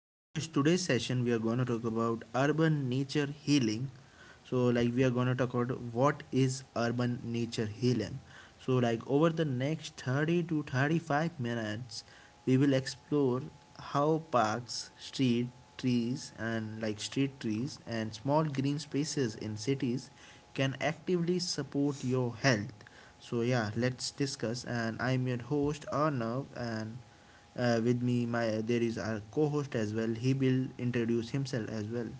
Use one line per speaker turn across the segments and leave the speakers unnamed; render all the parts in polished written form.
in this today's session. We are going to talk about urban nature healing. So like we are going to talk about what is urban nature healing. So like over the next 30 to 35 minutes we will explore how parks street trees and street trees and small green spaces in cities can actively support your health. So yeah, let's discuss. And I'm your host Arnav and with me, my there is our co-host as well. He will introduce himself as well.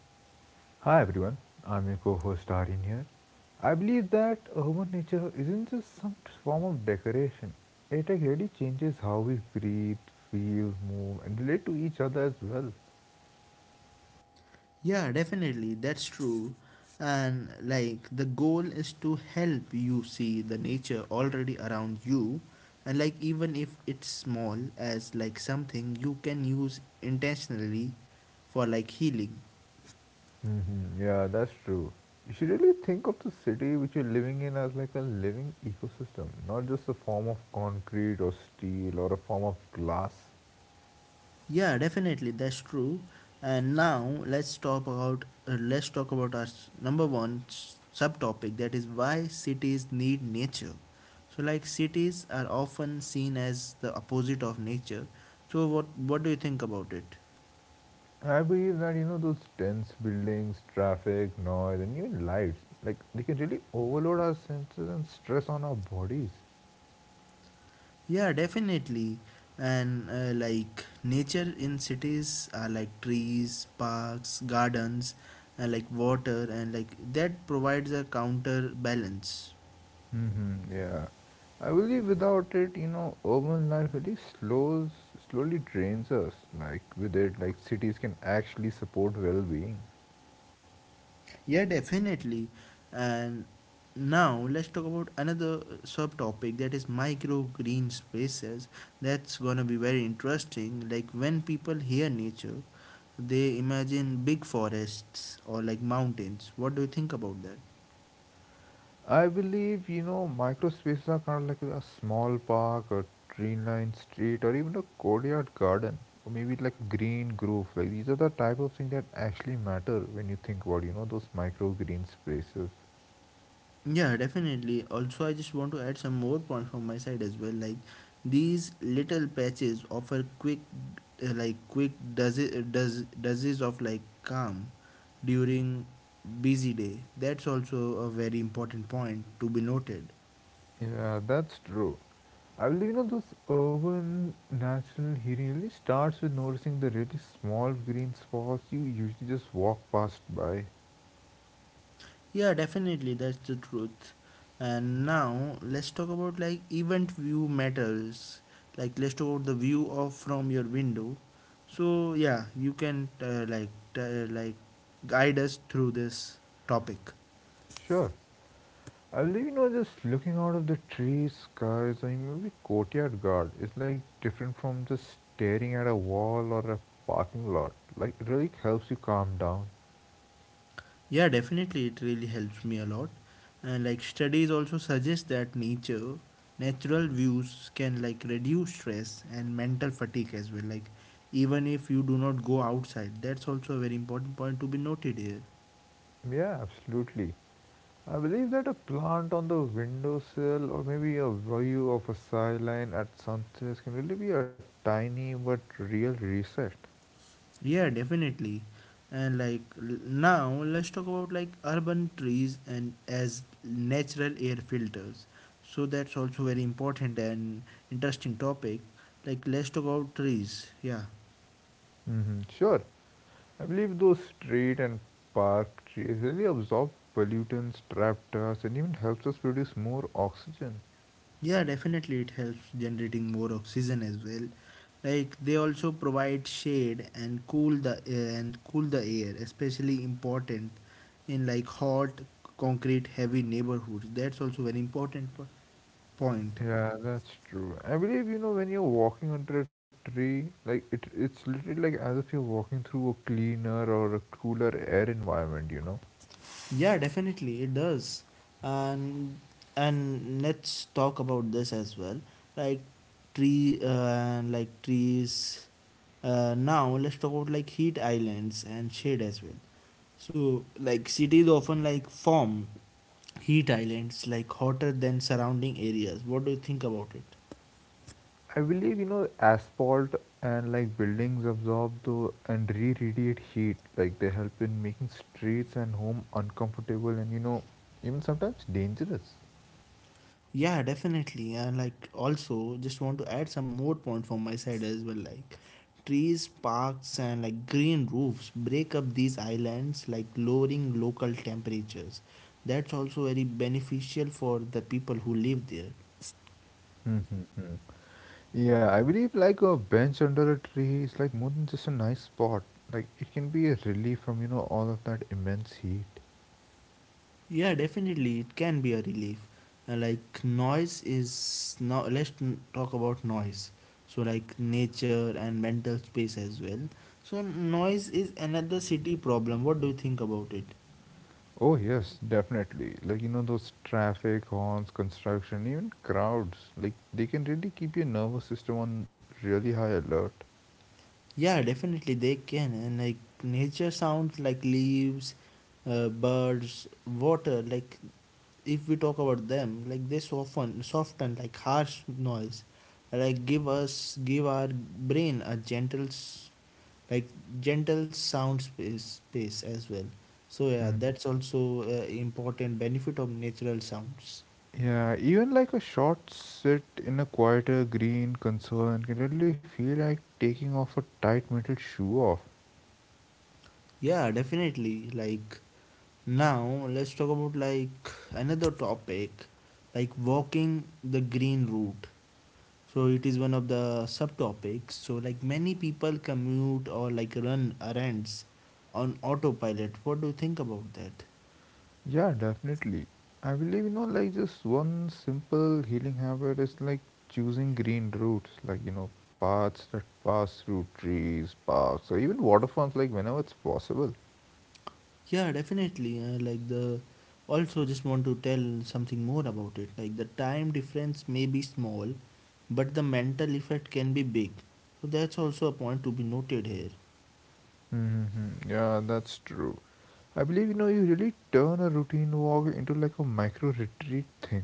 Hi everyone, I'm your co-host Aryan here. I believe that urban nature isn't just some form of decoration. It like really changes how we breathe, feel, move, and relate to each other as well.
Yeah, definitely, that's true. And like the goal is to help you see the nature already around you, and like even if it's small as like something you can use intentionally for like healing.
Hmm, yeah, that's true. You should really think of the city which you're living in as like a living ecosystem, not just a form of concrete or steel or a form of glass.
Yeah, definitely, that's true. And now let's talk about our number one subtopic, that is why cities need nature. So like cities are often seen as the opposite of nature. So what do you think about it?
I believe that you know those dense buildings, traffic, noise, and even lights, like they can really overload our senses and stress on our bodies.
Yeah, definitely. And like nature in cities are like trees, parks, gardens, and like water, and like that provides a counterbalance.
Hmm, yeah, I believe without it, you know, urban life really slows, slowly drains us. Like with it, like cities can actually support well-being.
Yeah, definitely. And now let's talk about another subtopic, that is micro green spaces. That's gonna be very interesting. Like when people hear nature, they imagine big forests or like mountains. What do you think about that?
I believe, you know, micro spaces are kind of like a small park, a tree lined street, or even a courtyard garden, or maybe like a green grove. Like these are the type of things that actually matter when you think about, you know, those micro green spaces.
Yeah, definitely. Also, I just want to add some more points from my side as well. Like these little patches offer quick, like quick does it does doses of like calm during busy day. That's also a very important point to be noted.
Yeah, that's true. I believe, you know, those urban natural healing really starts with noticing the really small green spots you usually just walk past by.
Yeah, definitely, that's the truth. And now let's talk about like event view matters. Like let's talk about the view of from your window. So yeah, you can like like guide us through this topic.
Sure. I believe you know just looking out of the trees, skies, or maybe courtyard guard is like different from just staring at a wall or a parking lot. Like it really helps you calm down.
Yeah, definitely, it really helps me a lot. And like studies also suggest that nature, natural views can like reduce stress and mental fatigue as well. Like even if you do not go outside, that's also a very important point to be noted here.
Yeah, absolutely. I believe that a plant on the windowsill or maybe a view of a skyline at sunset can really be a tiny but real reset.
Yeah, definitely. And like now, let's talk about like urban trees and as natural air filters. So that's also very important and interesting topic. Like let's talk about trees. Yeah,
Hmm. Sure. I believe those street and park trees really absorb pollutants, trap dust, and even helps us produce more oxygen.
yeah, definitely it helps generating more oxygen as well. Like they also provide shade and cool the and cool the air, especially important in like hot concrete heavy neighborhoods. That's also very important point.
Yeah, that's true. I believe you know when you're walking under a tree, like it's literally like as if you're walking through a cleaner or a cooler air environment. You know,
Yeah, definitely it does. And and let's talk about this as well. Like tree and like trees. Now let's talk about like heat islands and shade as well. So like cities often like form heat islands like hotter than surrounding areas. What do you think about it?
I believe you know asphalt and like buildings absorb the and re-radiate heat. Like they help in making streets and home uncomfortable and you know even sometimes dangerous.
Yeah, definitely. And like also just want to add some more point from my side as well. Like trees, parks and like green roofs break up these islands like lowering local temperatures. That's also very beneficial for the people who live there.
Yeah, I believe like a bench under a tree is like more than just a nice spot. Like it can be a relief from, you know, all of that immense heat.
Yeah, definitely it can be a relief. Like noise is now let's talk about noise. So like nature and mental space as well. So noise is another city problem. What do you think about it?
Oh yes, definitely. Like you know those traffic, horns, construction, even crowds. Like they can really keep your nervous system on really high alert.
Yeah, definitely they can. And like nature sounds like leaves, birds, water. Like if we talk about them, like they soften like harsh noise, like give our brain a like gentle space as well. So yeah,
Hmm.
that's also important benefit of natural sounds.
Yeah, even like a short sit in a quieter green concern can really feel like taking off a tight metal shoe off.
Yeah, definitely. Like now let's talk about like another topic like walking the green route. So it is one of the subtopics. So like many people commute or like run errands on autopilot. What do you think about that?
Yeah, definitely. I believe, you know, like just one simple healing habit is like choosing green routes, like, you know, paths that pass through trees, parks, or even water forms, like whenever it's possible.
Yeah, definitely. Like the also just want to tell something more about it. Like the time difference may be small, but the mental effect can be big. So that's also a point to be noted here.
Mm-hmm. Yeah, that's true. I believe, you know, you really turn a routine walk into like a micro retreat thing.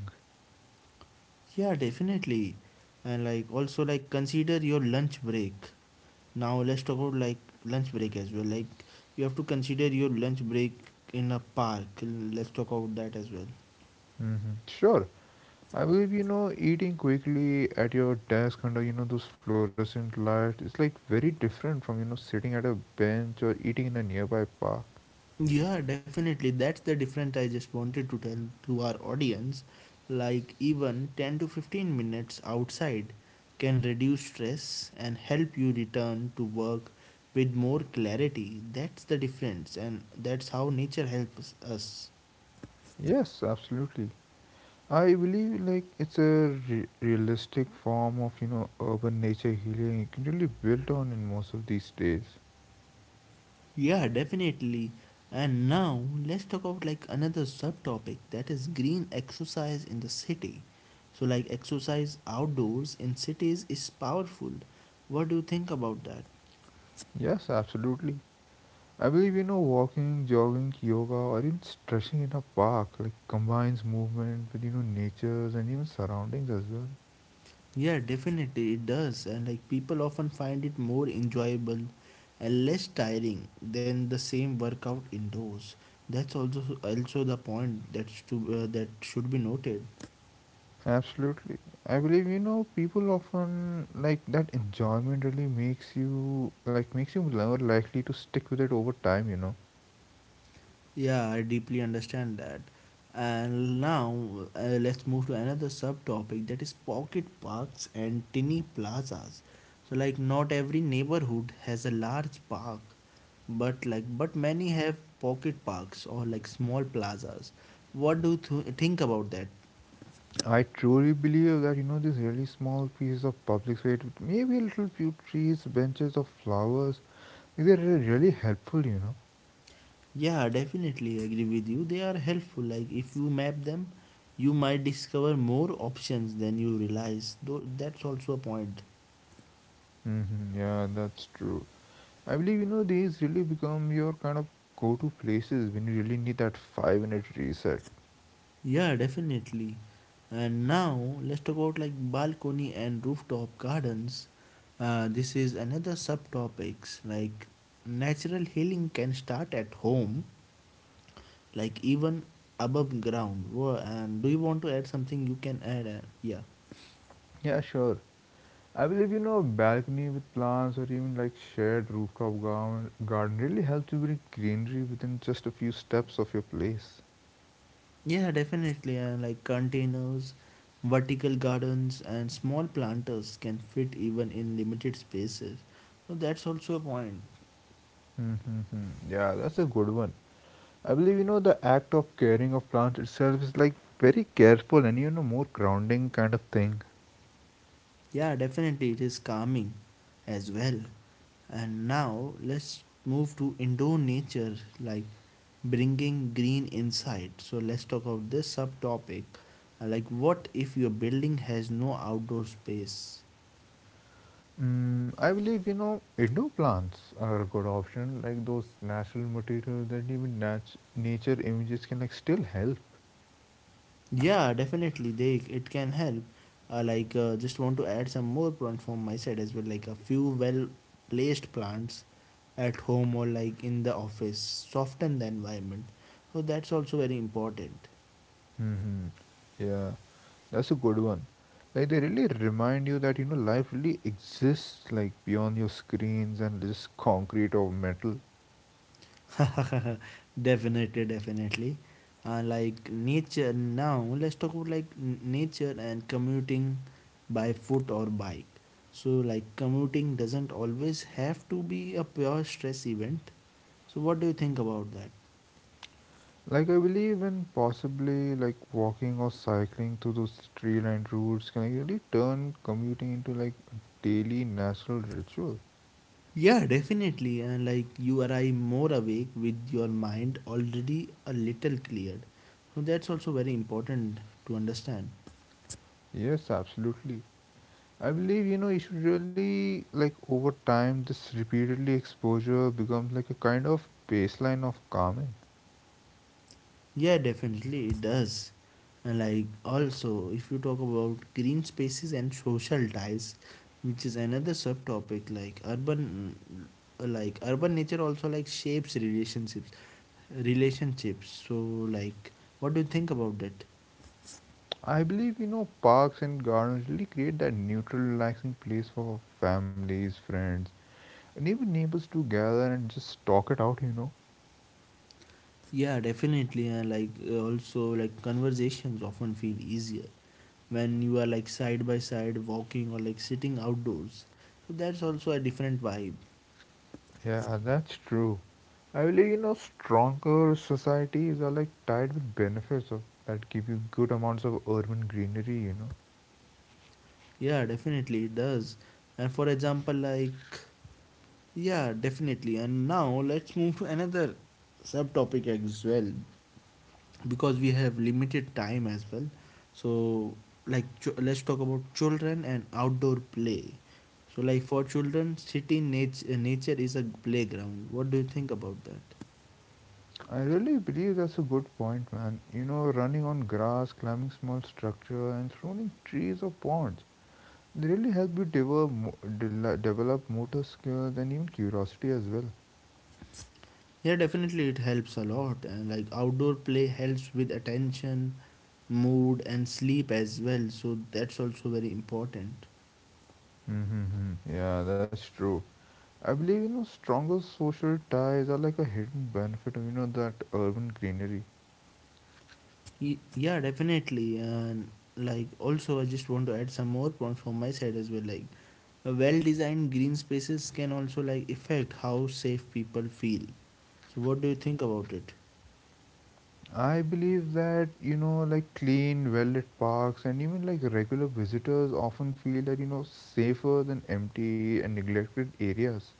Yeah, definitely. And like also like consider your lunch break. Now let's talk about like lunch break as well. Like you have to consider your lunch break in a park. Let's talk about that as well.
Mm-hmm. Sure. I believe you know eating quickly at your desk under you know those fluorescent lights is like very different from you know sitting at a bench or eating in a nearby park.
Yeah, definitely. That's the difference I just wanted to tell to our audience. Like even 10 to 15 minutes outside can reduce stress and help you return to work with more clarity. That's the difference and that's how nature helps us.
Yes, absolutely. I believe like it's a realistic form of you know urban nature healing really built on in most of these days.
Yeah, definitely. And now let's talk about like another subtopic, that is green exercise in the city. So like exercise outdoors in cities is powerful. What do you think about that?
Yes, absolutely. I believe you know walking, jogging, yoga, or even stretching in a park like combines movement with you know natures and even surroundings as well.
Yeah, definitely it does. And like people often find it more enjoyable and less tiring than the same workout indoors. That's also also the point that's to that should be noted.
Absolutely. I believe you know people often like that enjoyment really makes you like makes you more likely to stick with it over time, you know.
Yeah, I deeply understand that. And now let's move to another subtopic, that is pocket parks and tiny plazas. So like not every neighborhood has a large park, but like but many have pocket parks or like small plazas. What do you think about that?
I truly believe that you know these really small pieces of public space, with maybe a little few trees, benches of flowers, they're really really helpful, you know.
Yeah, definitely agree with you. They are helpful. Like if you map them, you might discover more options than you realize. Though that's also a point.
Hmm, yeah, that's true. I believe you know these really become your kind of go-to places when you really need that five-minute reset.
Yeah, definitely. And now let's talk about like balcony and rooftop gardens. This is another subtopics like natural healing can start at home, like even above ground. And do you want to add something? You can add. Yeah.
Yeah, sure. I believe you know a balcony with plants or even like shared rooftop garden really helps you bring greenery within just a few steps of your place.
Yeah, definitely. And like containers, vertical gardens, and small planters can fit even in limited spaces. So that's also a point.
Mm-hmm. Yeah, that's a good one. I believe you know the act of caring of plants itself is like very careful and you know more grounding kind of thing.
Yeah, definitely it is calming as well. And now let's move to indoor nature, like bringing green inside. So let's talk about this subtopic. Like, what if your building has no outdoor space?
Mm, I believe you know indoor plants are a good option, like those natural materials that even nature images can like still help.
Yeah, definitely, they it can help. Like, just want to add some more point from my side as well, like a few well placed plants at home or like in the office soften the environment, so that's also very important.
Mhm. Yeah, that's a good one. Like they really remind you that you know life really exists like beyond your screens and this concrete or metal.
Definitely definitely, like nature now let's talk about like nature and commuting by foot or bike. So like commuting doesn't always have to be a pure stress event. So what do you think about that?
Like I believe in possibly like walking or cycling through those tree lined routes can like, really turn commuting into like a daily natural ritual.
Yeah, definitely. And like you arrive more awake with your mind already a little cleared, so that's also very important to understand.
Yes, absolutely. I believe you know you should really like over time this repeatedly exposure becomes like a kind of baseline of calming.
Yeah, definitely it does. And like also, if you talk about green spaces and social ties, which is another subtopic, like urban nature also like shapes relationships. So like, what do you think about that?
I believe you know parks and gardens really create that neutral, relaxing place for families, friends, and even neighbors to gather and just talk it out. You know.
Yeah, definitely. And like also like conversations often feel easier when you are like side by side walking or like sitting outdoors. So that's also a different vibe.
Yeah, that's true. I believe you know stronger societies are like tied with benefits of that give you good amounts of urban greenery. You know.
Yeah, definitely it does. And for example, like, yeah, definitely. And now let's move to another subtopic as well because we have limited time as well. So, like, let's talk about children and outdoor play. So, like, for children, city nature is a playground. What do you think about that?
I really believe that's a good point, man. You know, running on grass, climbing small structure, and throwing trees or ponds. They really help you develop, develop motor skills and even curiosity as well.
Yeah, definitely it helps a lot. And like, outdoor play helps with attention, mood, and sleep as well. So, that's also very important.
Mm-hmm. Yeah, that's true. I believe you know stronger social ties are like a hidden benefit of you know that urban greenery.
Yeah, definitely. And like also I just want to add some more points from my side as well, like well designed green spaces can also like affect how safe people feel. So what do you think about it?
I believe that you know like clean, well-lit parks and even like regular visitors often feel that you know safer than empty and neglected areas.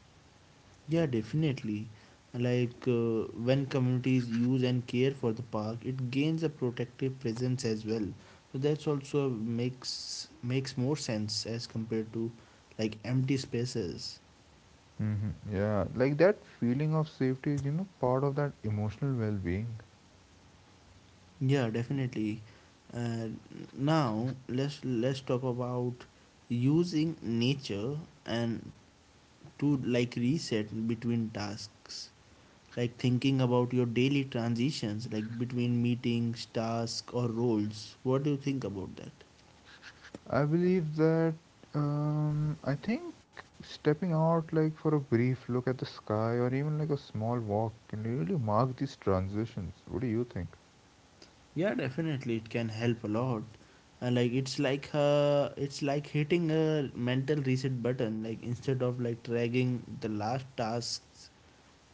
Yeah, definitely. Like when communities use and care for the park it gains a protective presence as well. So that's also makes more sense as compared to like empty spaces.
Mm-hmm. Yeah, like that feeling of safety is you know part of that emotional well-being.
Yeah, definitely. Uh, now let's talk about using nature and to like reset between tasks, like thinking about your daily transitions, like between meetings, tasks, or roles. What do you think about that?
I believe that I think stepping out like for a brief look at the sky or even like a small walk can really mark these transitions. What do you think?
Yeah, definitely, it can help a lot. And like it's like it's like hitting a mental reset button. Like instead of like dragging the last task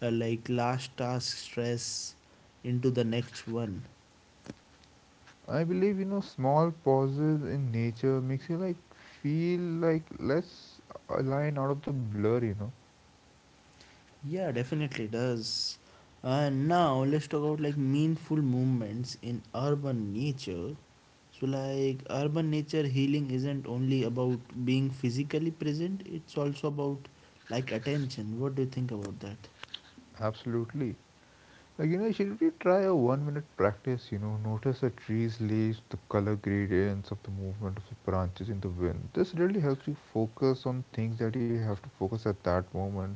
stress into the next one.
I believe you know small pauses in nature makes you like feel like less aligned out of the blur, you know.
Yeah definitely does. And now let's talk about like meaningful movements in urban nature. So like urban nature healing isn't only about being physically present, it's also about like attention. What do you think about that?
Absolutely. Like, you know, you should really try a 1-minute practice, you know, notice the tree's leaves, the color gradients of the movement of the branches in the wind. This really helps you focus on things that you have to focus at that moment.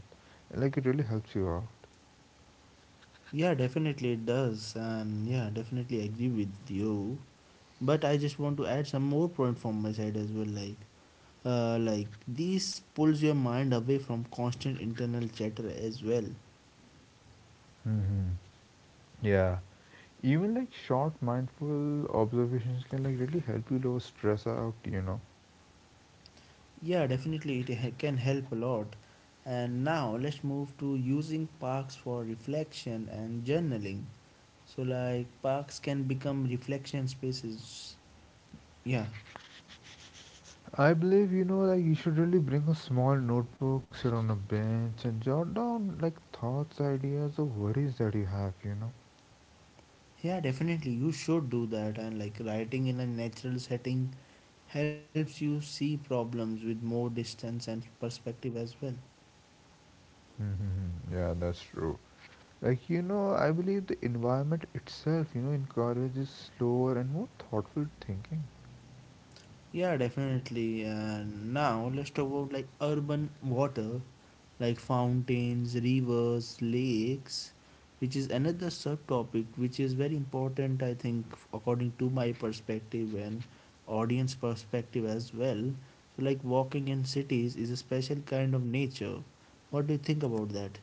Like it really helps you out.
Yeah, definitely it does. And yeah, definitely I agree with you, but I just want to add some more point from my side as well. Like like this pulls your mind away from constant internal chatter as well.
Hmm. Yeah. Even like short mindful observations can like really help you lower stress out, you know.
Yeah, definitely it can help a lot. And now let's move to using parks for reflection and journaling. So like parks can become reflection spaces. Yeah.
I believe, you know, like you should really bring a small notebook, sit on a bench and jot down like thoughts, ideas or worries that you have, you know.
Yeah, definitely you should do that. And like writing in a natural setting helps you see problems with more distance and perspective as well.
Mm-hmm. Yeah, that's true. Like, you know, I believe the environment itself, you know, encourages slower and more thoughtful thinking.
Yeah, definitely. And now let's talk about like urban water, like fountains, rivers, lakes, which is another subtopic which is very important, I think, according to my perspective and audience perspective as well. So, like walking in cities is a special kind of nature. What do you think about that?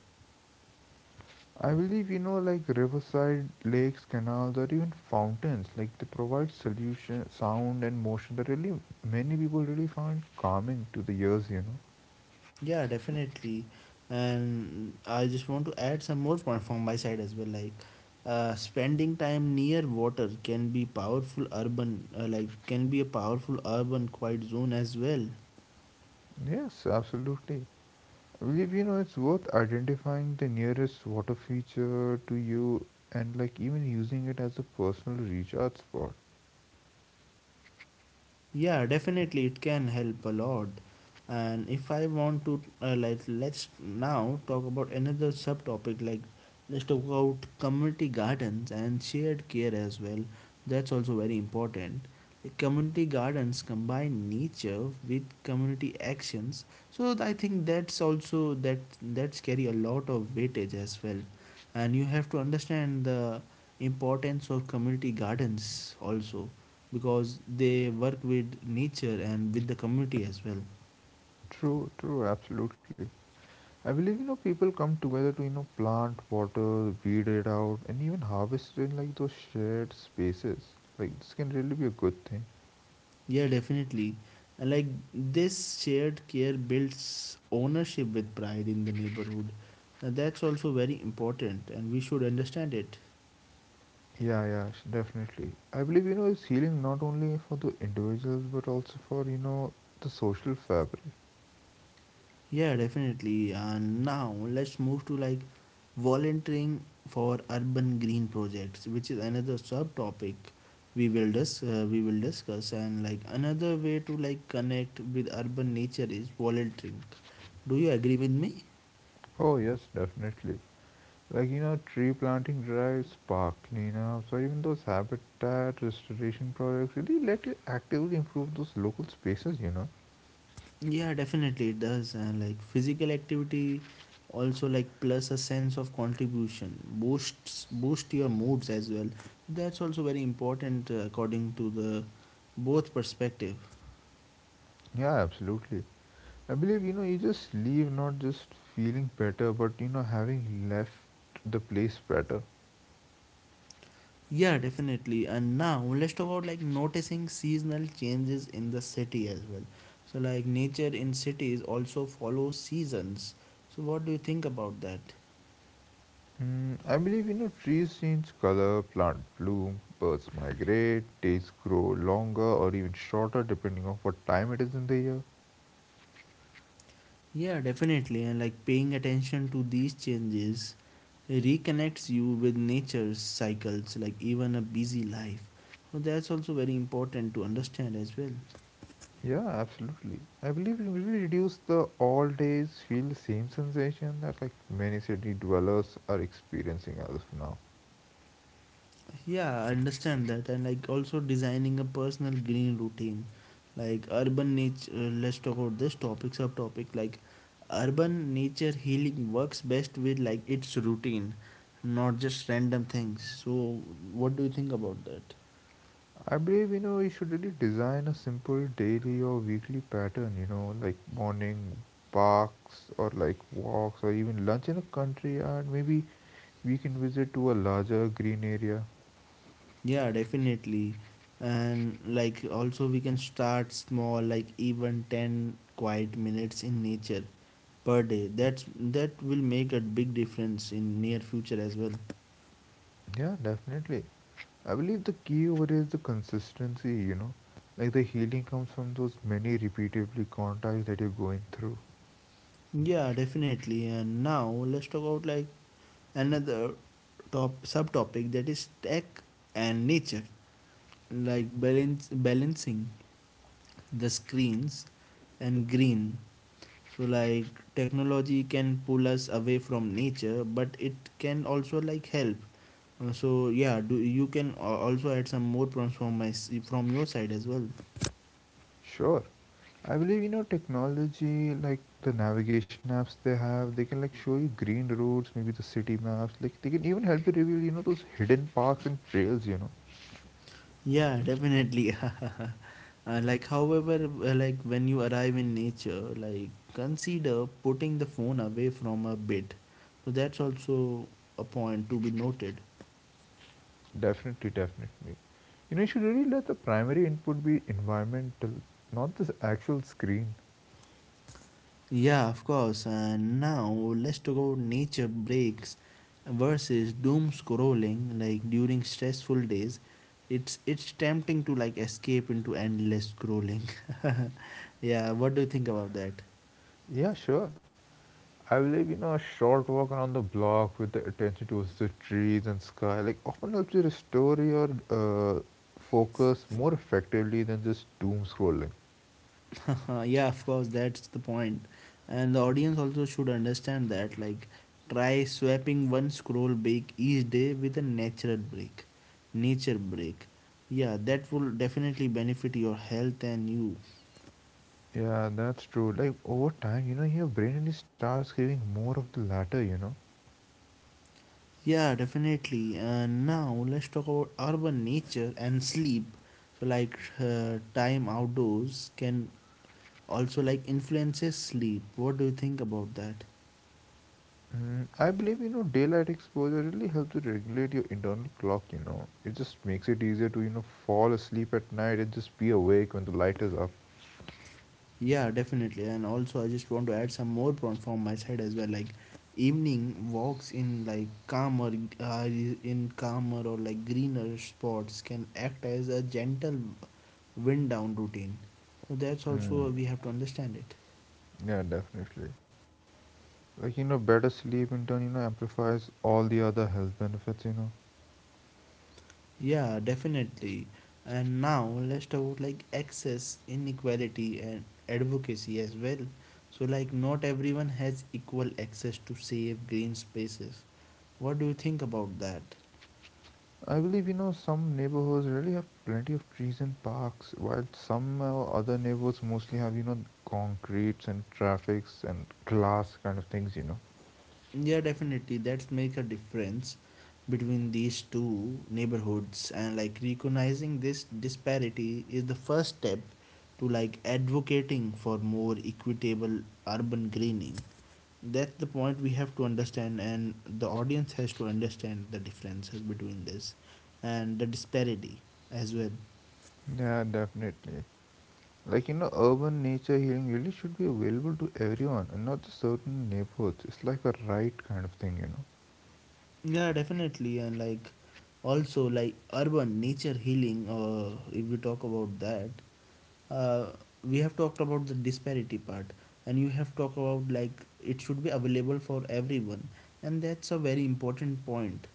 I believe, you know, like riverside, lakes, canals, or even fountains, like they provide solution, sound, and motion that really many people really find calming to the ears, you know.
Yeah, definitely. And I just want to add some more point from my side as well. Like, spending time near water can be powerful urban, like can be a powerful urban quiet zone as well.
Yes, absolutely. I believe, you know, it's worth identifying the nearest water feature to you and like even using it as a personal recharge spot.
Yeah, definitely it can help a lot. And if I want to like let's now talk about another subtopic like let's talk about community gardens and shared care as well. That's also very important. Like, community gardens combine nature with community actions. So I think that's also that's carry a lot of weightage as well. And you have to understand the importance of community gardens also because they work with nature and with the community as well.
True, true, absolutely. I believe you know people come together to you know plant, water, weed it out, and even harvest in like those shared spaces. Like this can really be a good thing.
Yeah, definitely. And like this shared care builds ownership with pride in the neighborhood. And that's also very important and we should understand it.
Yeah, yeah, definitely. I believe you know it's healing not only for the individuals but also for you know the social fabric.
Yeah, definitely. And now let's move to like volunteering for urban green projects, which is another subtopic we will discuss. And like another way to like connect with urban nature is volunteering. Do you agree with me?
Oh yes, definitely. Like you know, tree planting drives, park cleanups, or even those habitat restoration projects really let you actively improve those local spaces. You know.
Yeah, definitely it does. And like physical activity also like plus a sense of contribution boost your moods as well. That's also very important according to the both perspective.
Yeah, absolutely. I believe, you know, you just leave not just feeling better, but, you know, having left the place better.
Yeah, definitely. And now let's talk about like noticing seasonal changes in the city as well. So like nature in cities also follows seasons. So what do you think about that?
Mm, I believe, you know, trees change color, plants bloom, birds migrate, days grow longer or even shorter depending on what time it is in the year.
Yeah, definitely. And like paying attention to these changes reconnects you with nature's cycles, like even a busy life. So that's also very important to understand as well.
Yeah, absolutely. I believe it really reduce the all days feel the same sensation that like many city dwellers are experiencing as of now.
Yeah, I understand that, and like also designing a personal green routine, like urban nature. Let's talk about this topic subtopic. Like urban nature healing works best with like its routine, not just random things. So, what do you think about that?
I believe you know you should really design a simple daily or weekly pattern, you know, like morning parks or like walks or even lunch in a country and maybe we can visit to a larger green area.
Yeah, definitely, and like also we can start small, like even 10 quiet minutes in nature per day. That will make a big difference in near future as well.
Yeah, definitely. I believe the key over is the consistency, you know. Like the healing comes from those many repeatedly contacts that you're going through.
Yeah, definitely. And now let's talk about like another top subtopic that is tech and nature, like balance balancing the screens and green. So like technology can pull us away from nature, but it can also like help. So yeah, do you can a- also add some more points from your side as well.
Sure. I believe you know technology like the navigation apps they have, they can like show you green routes, maybe the city maps, like they can even help you reveal, you know, those hidden parks and trails, you know.
Yeah, definitely. Like, however, like when you arrive in nature, like consider putting the phone away from a bit. So that's also a point to be noted.
Definitely, definitely. You know, you should really let the primary input be environmental, not this actual screen.
Yeah, of course. And now let's talk about nature breaks versus doom scrolling. Like during stressful days, it's tempting to like escape into endless scrolling. Yeah, what do you think about that?
Yeah, sure. I believe, you know, a short walk around the block with the attention towards the trees and sky, like often helps you restore your focus more effectively than just doom scrolling.
Yeah, of course, that's the point. And the audience also should understand that. Like, try swapping one scroll break each day with a natural break. Nature break. Yeah, that will definitely benefit your health and you.
Yeah, that's true. Like over time, you know, your brain really starts craving more of the latter, you know.
Yeah, definitely. Now, let's talk about urban nature and sleep. So, like, time outdoors can also like influences sleep. What do you think about that?
Mm, I believe, you know, daylight exposure really helps to regulate your internal clock, you know. It just makes it easier to, you know, fall asleep at night and just be awake when the light is up.
Yeah, definitely. And also, I just want to add some more point from my side as well. Like evening walks in like calmer, in calmer or like greener spots can act as a gentle wind down routine. So that's also we
Mm,
have to understand it.
yeah, definitely. Like, you know, better sleep in turn, you know, amplifies all the other health benefits, you know.
Yeah, definitely. And now let's talk about like access, inequality, and advocacy as well. So like not everyone has equal access to safe green spaces. What do you think about that?
I believe you know some neighborhoods really have plenty of trees and parks, while some other neighborhoods mostly have you know concretes and traffics and glass kind of things. You know,
Yeah, definitely. That's make a difference between these two neighborhoods and like recognizing this disparity is the first step to like advocating for more equitable urban greening. That's the point we have to understand and the audience has to understand the differences between this and the disparity as well.
yeah, definitely. Like you know, urban nature healing really should be available to everyone and not just certain neighborhoods. It's like a right kind of thing, you know.
Yeah, definitely, and like also like urban nature healing if we talk about that uh, we have talked about the disparity part and you have talked about like it should be available for everyone and that's a very important point.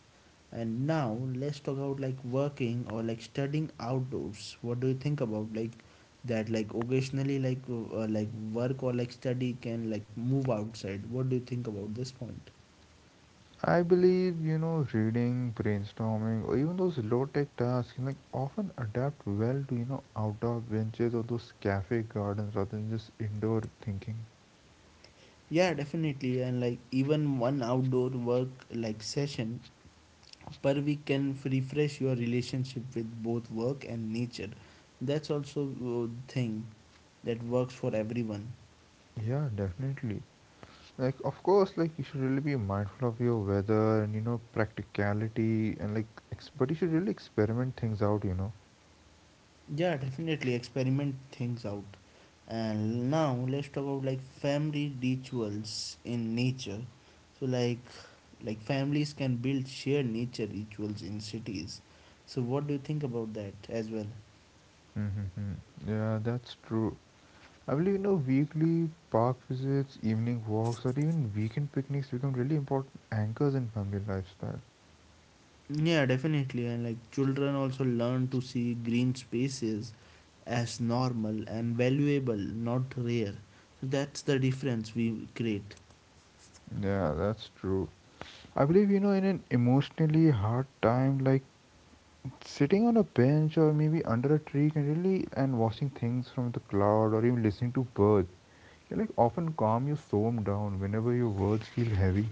And now let's talk about like working or like studying outdoors. What do you think about like that, like occasionally like work or like study can like move outside. What do you think about this point?
I believe, you know, reading, brainstorming, or even those low-tech tasks can like often adapt well to, you know, outdoor benches or those cafe gardens rather than just indoor thinking.
Yeah, definitely. And like even one outdoor work like session per week can refresh your relationship with both work and nature. That's also a thing that works for everyone.
Yeah, definitely. Like of course, like you should really be mindful of your weather and you know practicality and like but you should really experiment things out, you know.
Yeah, definitely, experiment things out. And now let's talk about like family rituals in nature. So like families can build shared nature rituals in cities. So what do you think about that as well?
Mm-hmm. Yeah, that's true. I believe you know weekly park visits, evening walks, or even weekend picnics become really important anchors in family lifestyle.
Yeah, definitely. And like children also learn to see green spaces as normal and valuable, not rare. So that's the difference we create.
Yeah, that's true. I believe you know in an emotionally hard time like sitting on a bench or maybe under a tree can really and watching things from the cloud or even listening to birds can like often calm your storm down whenever your words feel heavy.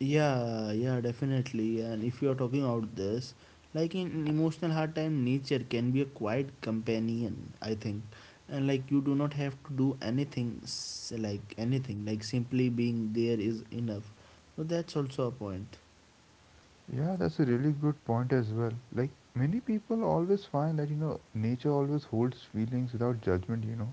Yeah, yeah, definitely. And if you are talking about this, like in an emotional hard time, nature can be a quiet companion, I think. And like you do not have to do anything, like anything, like simply being there is enough. So that's also a point.
Yeah, that's a really good point as well. Like many people always find that you know nature always holds feelings without judgment. You know,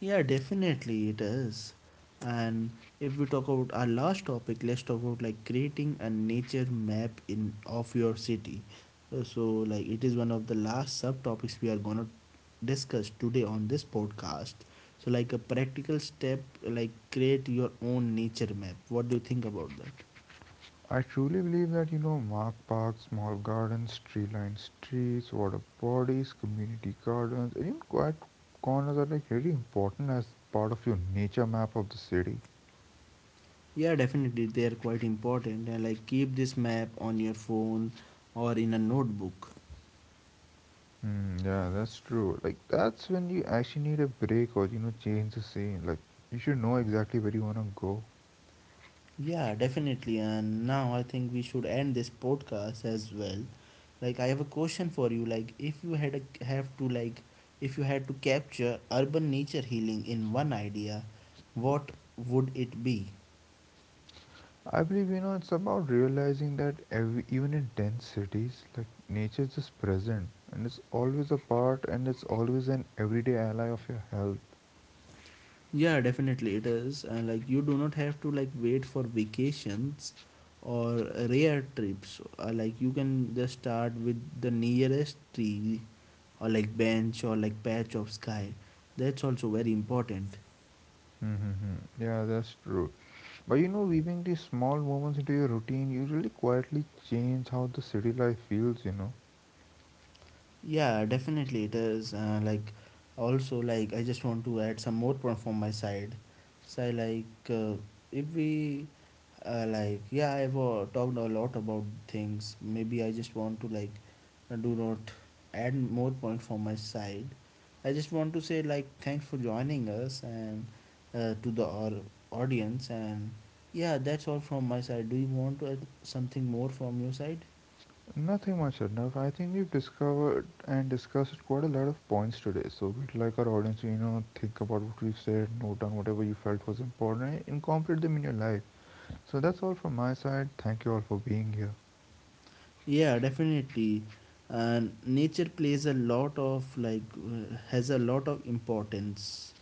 Yeah, definitely it is. And if we talk about our last topic, let's talk about like creating a nature map in of your city. So like it is one of the last subtopics we are gonna discuss today on this podcast. So like a practical step, like create your own nature map. What do you think about that?
I truly believe that you know mark parks, small gardens, tree-lined streets, water bodies, community gardens, and even quiet corners are like really important as part of your nature map of the city.
Yeah, definitely they are quite important, and like keep this map on your phone or in a notebook.
Hmm, yeah, that's true. Like that's when you actually need a break or you know change the scene. Like you should know exactly where you wanna go.
Yeah, definitely. And now I think we should end this podcast as well. Like I have a question for you. Like if you had a, have to like if you had to capture urban nature healing in one idea, what would it be?
I believe you know it's about realizing that every, even in dense cities, like nature is just present and it's always a part and it's always an everyday ally of your health.
Yeah, definitely it is. And like you do not have to like wait for vacations or rare trips. Like you can just start with the nearest tree or like bench or like patch of sky. That's also very important.
Mm-hmm. Yeah, that's true. But you know, weaving these small moments into your routine usually quietly change how the city life feels. You know.
Yeah, definitely it is. Like, also, like, I just want to add some more point from my side. So, like, if we, like, yeah, I've talked a lot about things. Maybe I just want to, like, do not add more point from my side. I just want to say, like, thanks for joining us and to the our audience. And yeah, that's all from my side. Do you want to add something more from your side?
Nothing much, enough. I think we've discovered and discussed quite a lot of points today. So we'd like our audience to, you know, think about what we've said, note down whatever you felt was important, and incorporate them in your life. So that's all from my side. Thank you all for being here.
Yeah, definitely. And nature plays a lot of like has a lot of importance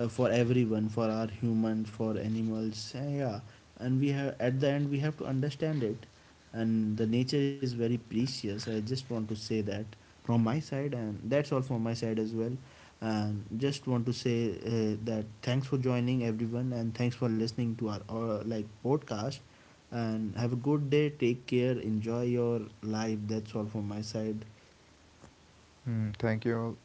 for everyone, for our humans, for animals, yeah, and we have at the end we have to understand it, and the nature is very precious. I just want to say that from my side, and that's all from my side as well. And just want to say that thanks for joining everyone and thanks for listening to our like podcast, and have a good day, take care, enjoy your life. That's all from my side.
Hmm, thank you all.